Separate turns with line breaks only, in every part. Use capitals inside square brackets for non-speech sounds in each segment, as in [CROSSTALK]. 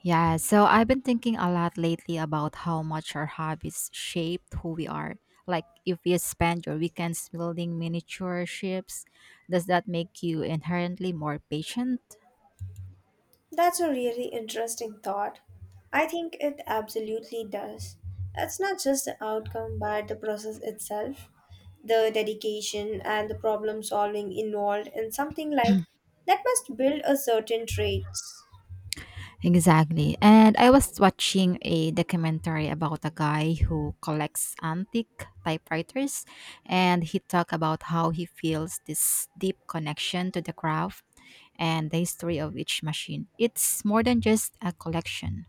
Yeah, so I've been thinking a lot lately about how much our hobbies shape who we are. Like, if you spend your weekends building miniature ships, does that make you inherently more patient?
That's a really interesting thought. I think it absolutely does. It's not just the outcome, but the process itself, the dedication and the problem solving involved in something like that must build a certain traits.
Exactly. And I was watching a documentary about a guy who collects antique typewriters, and he talked about how he feels this deep connection to the craft and the history of each machine. It's more than just a collection.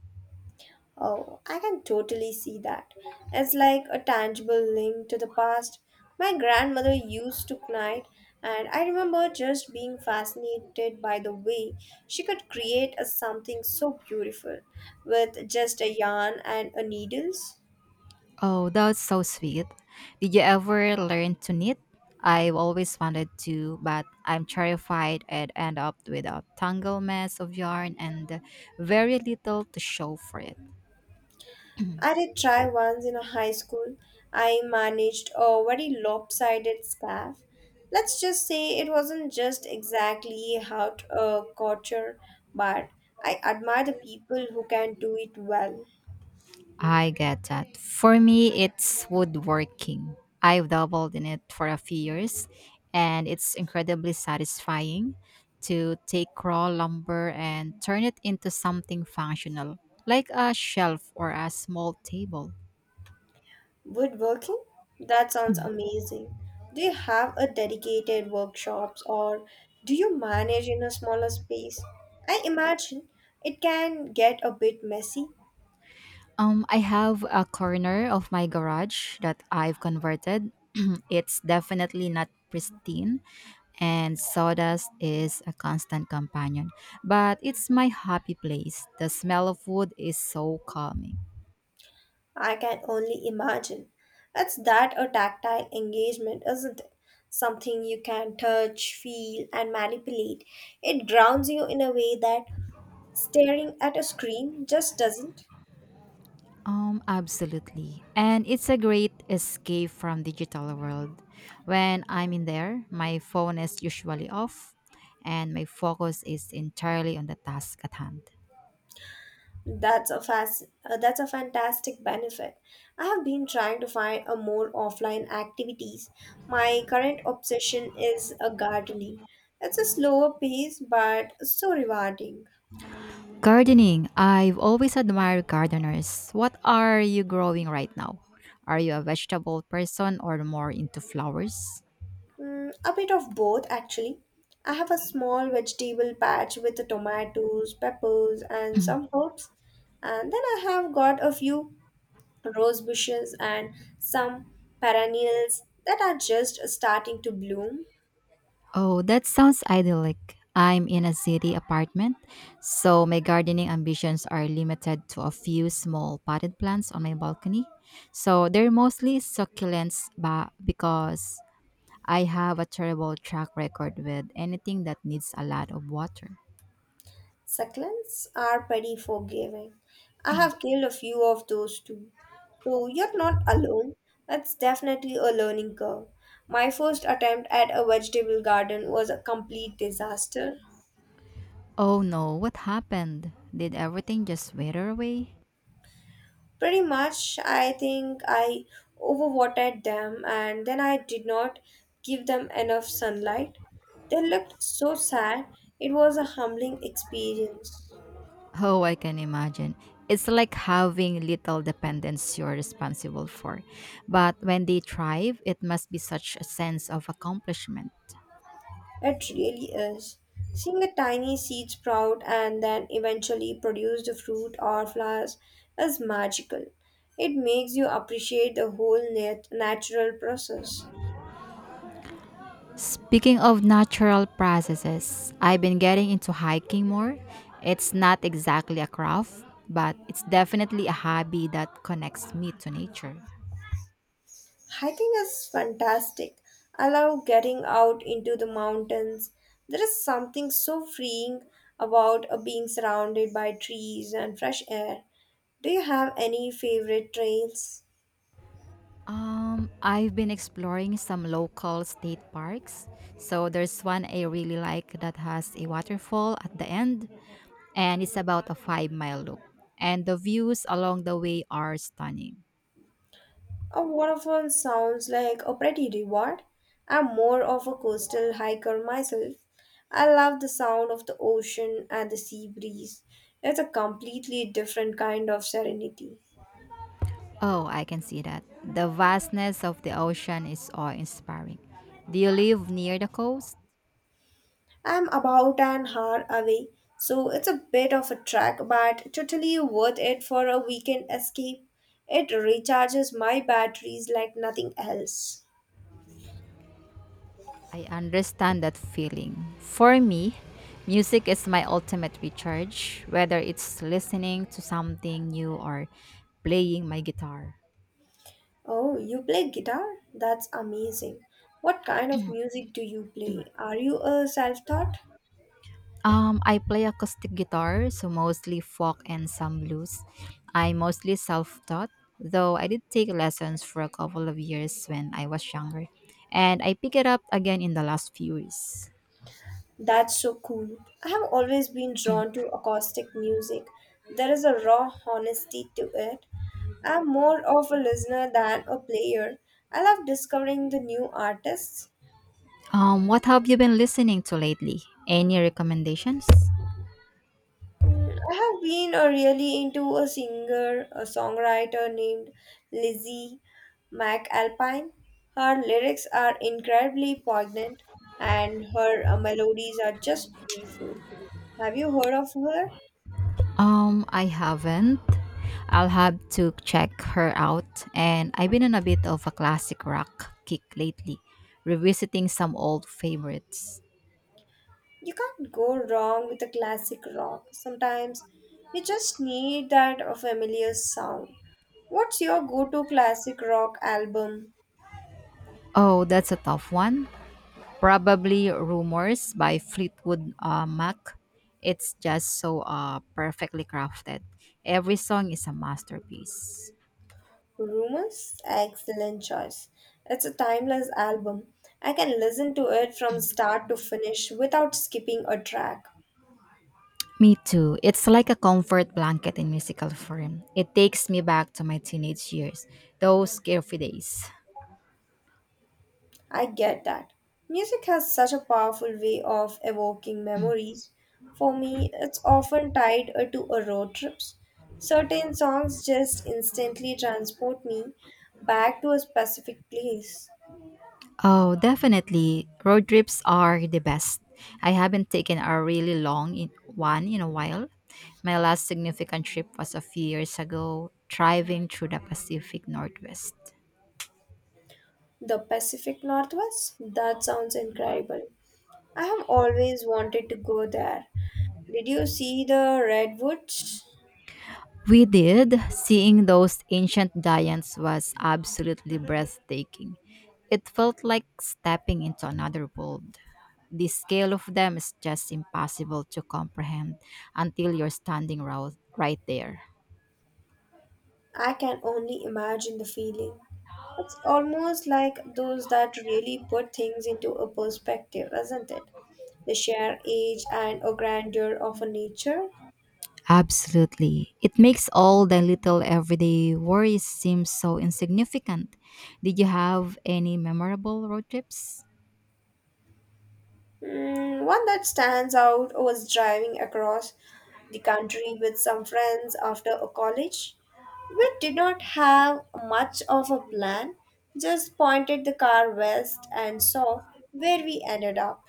Oh, I can totally see that. It's like a tangible link to the past. My grandmother used to knit, and I remember just being fascinated by the way she could create a something so beautiful with just a yarn and a needles.
Oh, that's so sweet. Did you ever learn to knit? I've always wanted to, but I'm terrified I'd end up with a tangled mess of yarn and very little to show for it.
I did try once in a high school. I managed a very lopsided scarf. Let's just say it wasn't just exactly how to couture, but I admire the people who can do it well.
I get that. For me, it's woodworking. I've dabbled in it for a few years, and it's incredibly satisfying to take raw lumber and turn it into something functional, like a shelf or a small table.
Woodworking? That sounds amazing. Do you have a dedicated workshops or do you manage in a smaller space? I imagine it can get a bit messy.
I have a corner of my garage that I've converted. [CLEARS THROAT] It's definitely not pristine, and sawdust is a constant companion. But it's my happy place. The smell of wood is so calming.
I can only imagine. It's that a tactile engagement, isn't it? Something you can touch, feel, and manipulate. It grounds you in a way that staring at a screen just doesn't.
Absolutely. And it's a great escape from digital world. When I'm in there, my phone is usually off and my focus is entirely on the task at hand.
That's a fantastic benefit. I have been trying to find a more offline activities. My current obsession is a gardening. It's a slower pace but so rewarding.
Gardening. I've always admired gardeners. What are you growing right now? Are you a vegetable person or more into flowers?
Mm, a bit of both, actually. I have a small vegetable patch with the tomatoes, peppers, and some herbs. And then I have got a few rose bushes and some perennials that are just starting to bloom.
Oh, that sounds idyllic. I'm in a city apartment, so my gardening ambitions are limited to a few small potted plants on my balcony. So they're mostly succulents because I have a terrible track record with anything that needs a lot of water.
Succulents are pretty forgiving. I have killed a few of those too. So you're not alone. That's definitely a learning curve. My first attempt at a vegetable garden was a complete disaster.
Oh no, what happened? Did everything just wither away?
Pretty much, I think I overwatered them and then I did not give them enough sunlight. They looked so sad. It was a humbling experience.
Oh, I can imagine. It's like having little dependents you're responsible for. But when they thrive, it must be such a sense of accomplishment.
It really is. Seeing a tiny seed sprout and then eventually produce the fruit or flowers is magical. It makes you appreciate the whole natural process.
Speaking of natural processes, I've been getting into hiking more. It's not exactly a craft, but it's definitely a hobby that connects me to nature.
Hiking is fantastic. I love getting out into the mountains. There is something so freeing about being surrounded by trees and fresh air. Do you have any favorite trails?
I've been exploring some local state parks. So there's one I really like that has a waterfall at the end and it's about a 5 mile loop. And the views along the way are stunning.
A waterfall sounds like a pretty reward. I'm more of a coastal hiker myself. I love the sound of the ocean and the sea breeze. It's a completely different kind of serenity.
Oh, I can see that. The vastness of the ocean is awe inspiring. Do you live near the coast?
I'm about an hour away, so it's a bit of a trek, but totally worth it for a weekend escape. It recharges my batteries like nothing else.
I understand that feeling. For me, music is my ultimate recharge, whether it's listening to something new or playing my guitar.
Oh, you play guitar? That's amazing. What kind of music do you play? Are you a self taught?
I play acoustic guitar, so mostly folk and some blues. I mostly self-taught, though I did take lessons for a couple of years when I was younger, and I picked it up again in the last few years.
That's so cool. I have always been drawn to acoustic music. There is a raw honesty to it. I'm more of a listener than a player. I love discovering the new artists.
What have you been listening to lately? Any recommendations?
Mm, I have been really into a singer, a songwriter named Lizzie McAlpine. Her lyrics are incredibly poignant and her melodies are just beautiful. Have you heard of her?
I haven't. I'll have to check her out, and I've been on a bit of a classic rock kick lately, revisiting some old favorites.
You can't go wrong with a classic rock. Sometimes you just need that familiar sound. What's your go to classic rock album?
Oh, that's a tough one. Probably "Rumors" by Fleetwood Mac. It's just so perfectly crafted. Every song is a masterpiece.
Rumors? Excellent choice. It's a timeless album. I can listen to it from start to finish without skipping a track.
Me too. It's like a comfort blanket in musical form. It takes me back to my teenage years, those carefree days.
I get that. Music has such a powerful way of evoking memories. For me, it's often tied to a road trips. Certain songs just instantly transport me back to a specific place.
Oh, definitely. Road trips are the best. I haven't taken a really long in one in a while. My last significant trip was a few years ago, driving through the Pacific Northwest.
The Pacific Northwest? That sounds incredible. I have always wanted to go there. Did you see the redwoods?
We did. Seeing those ancient giants was absolutely breathtaking. It felt like stepping into another world. The scale of them is just impossible to comprehend until you're standing right there.
I can only imagine the feeling. It's almost like those that really put things into a perspective, isn't it? The sheer age and a grandeur of a nature.
Absolutely. It makes all the little everyday worries seem so insignificant. Did you have any memorable road trips?
Mm, one that stands out was driving across the country with some friends after a college. We did not have much of a plan, just pointed the car west and saw where we ended up.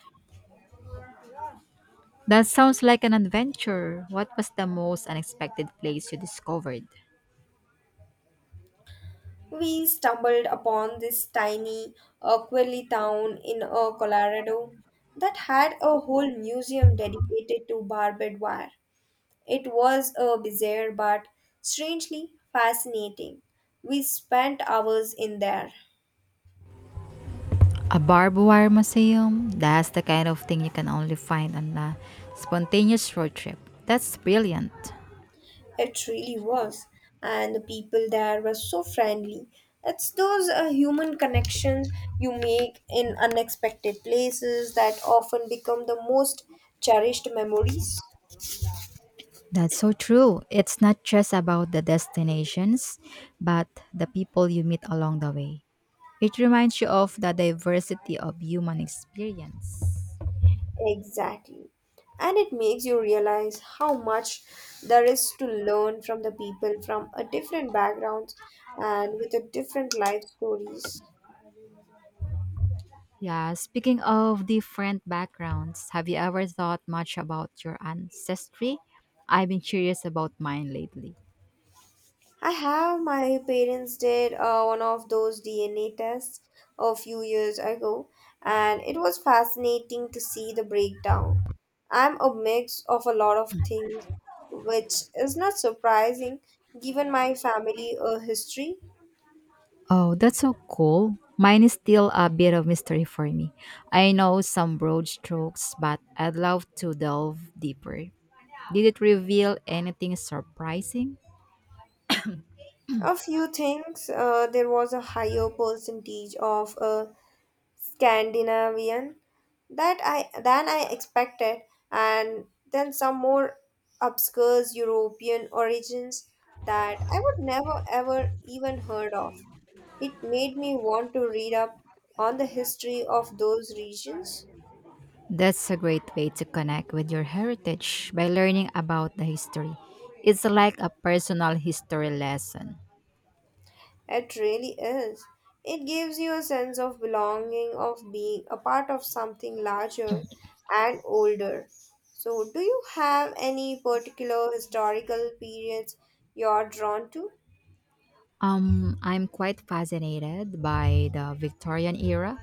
That sounds like an adventure. What was the most unexpected place you discovered?
We stumbled upon this tiny Aquili town in Colorado that had a whole museum dedicated to barbed wire. It was bizarre but strangely fascinating. We spent hours in there.
A barbed wire museum, that's the kind of thing you can only find on a spontaneous road trip. That's brilliant.
It really was. And the people there were so friendly. It's those human connections you make in unexpected places that often become the most cherished memories.
That's so true. It's not just about the destinations, but the people you meet along the way. It reminds you of the diversity of human experience.
Exactly. And it makes you realize how much there is to learn from the people from a different backgrounds and with a different life stories.
Yeah, speaking of different backgrounds, have you ever thought much about your ancestry? I've been curious about mine lately.
I have my parents did one of those DNA tests a few years ago, and it was fascinating to see the breakdown. I'm a mix of a lot of things, which is not surprising given my family history.
Oh, that's so cool. Mine is still a bit of mystery for me. I know some broad strokes, but I'd love to delve deeper. Did it reveal anything surprising?
A few things. There was a higher percentage of Scandinavian that I than I expected, and then some more obscure European origins that I would never ever even heard of. It made me want to read up on the history of those regions.
That's a great way to connect with your heritage by learning about the history. It's like a personal history lesson.
It really is. It gives you a sense of belonging, of being a part of something larger and older. So, do you have any particular historical periods you're drawn to?
I'm quite fascinated by the Victorian era,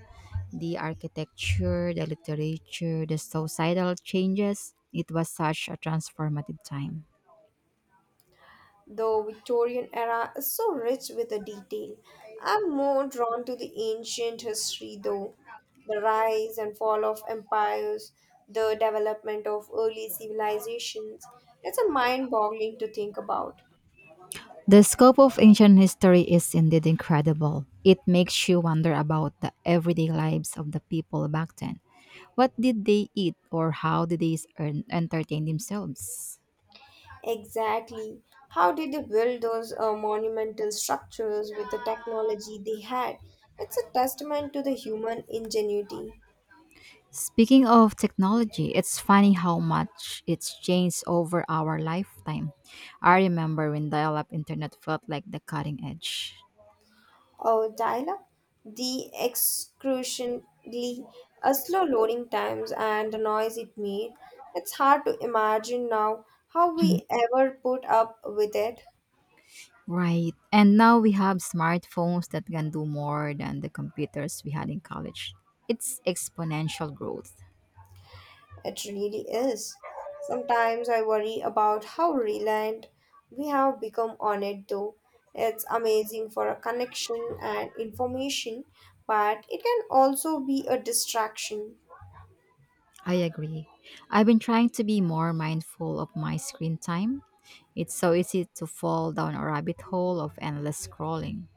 the architecture, the literature, the societal changes. It was such a transformative time.
The Victorian era is so rich with the detail. I'm more drawn to the ancient history though. The rise and fall of empires, the development of early civilizations. It's a mind boggling to think about.
The scope of ancient history is indeed incredible. It makes you wonder about the everyday lives of the people back then. What did they eat or how did they entertain themselves?
Exactly. How did they build those monumental structures with the technology they had? It's a testament to the human ingenuity.
Speaking of technology, it's funny how much it's changed over our lifetime. I remember when dial up internet felt like the cutting edge.
Oh, Tyler, the excruciatingly slow loading times and the noise it made. It's hard to imagine now how we ever put up with it.
Right. And now we have smartphones that can do more than the computers we had in college. It's exponential growth.
It really is. Sometimes I worry about how reliant we have become on it, though. It's amazing for a connection and information, but it can also be a distraction.
I agree. I've been trying to be more mindful of my screen time. It's so easy to fall down a rabbit hole of endless scrolling.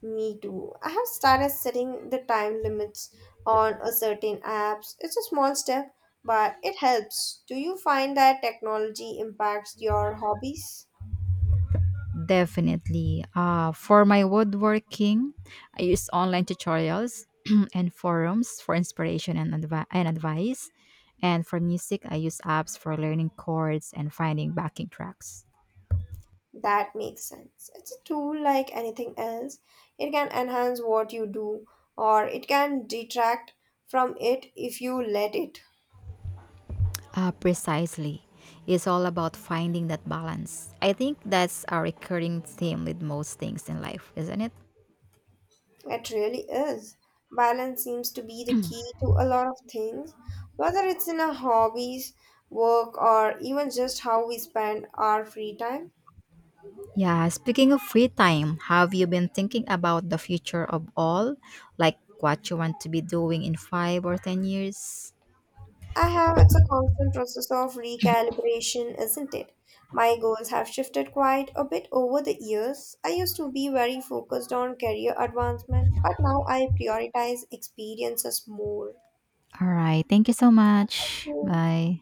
Me too. I have started setting the time limits on a certain apps. It's a small step, but it helps. Do you find that technology impacts your hobbies?
Definitely. For my woodworking, I use online tutorials [CLEARS THROAT] and forums for inspiration and advice. And for music, I use apps for learning chords and finding backing tracks.
That makes sense. It's a tool like anything else. It can enhance what you do, or it can detract from it if you let it.
Precisely. It's all about finding that balance. I think that's a recurring theme with most things in life, isn't it?
It really is. Balance seems to be the key to a lot of things, whether it's in our hobbies, work, or even just how we spend our free time.
Yeah, speaking of free time, have you been thinking about the future of all? Like what you want to be doing in 5 or 10 years?
I have, it's a constant process of recalibration, isn't it? My goals have shifted quite a bit over the years. I used to be very focused on career advancement, but now I prioritize experiences more.
All right. Thank you so much.
Hmm.
Bye.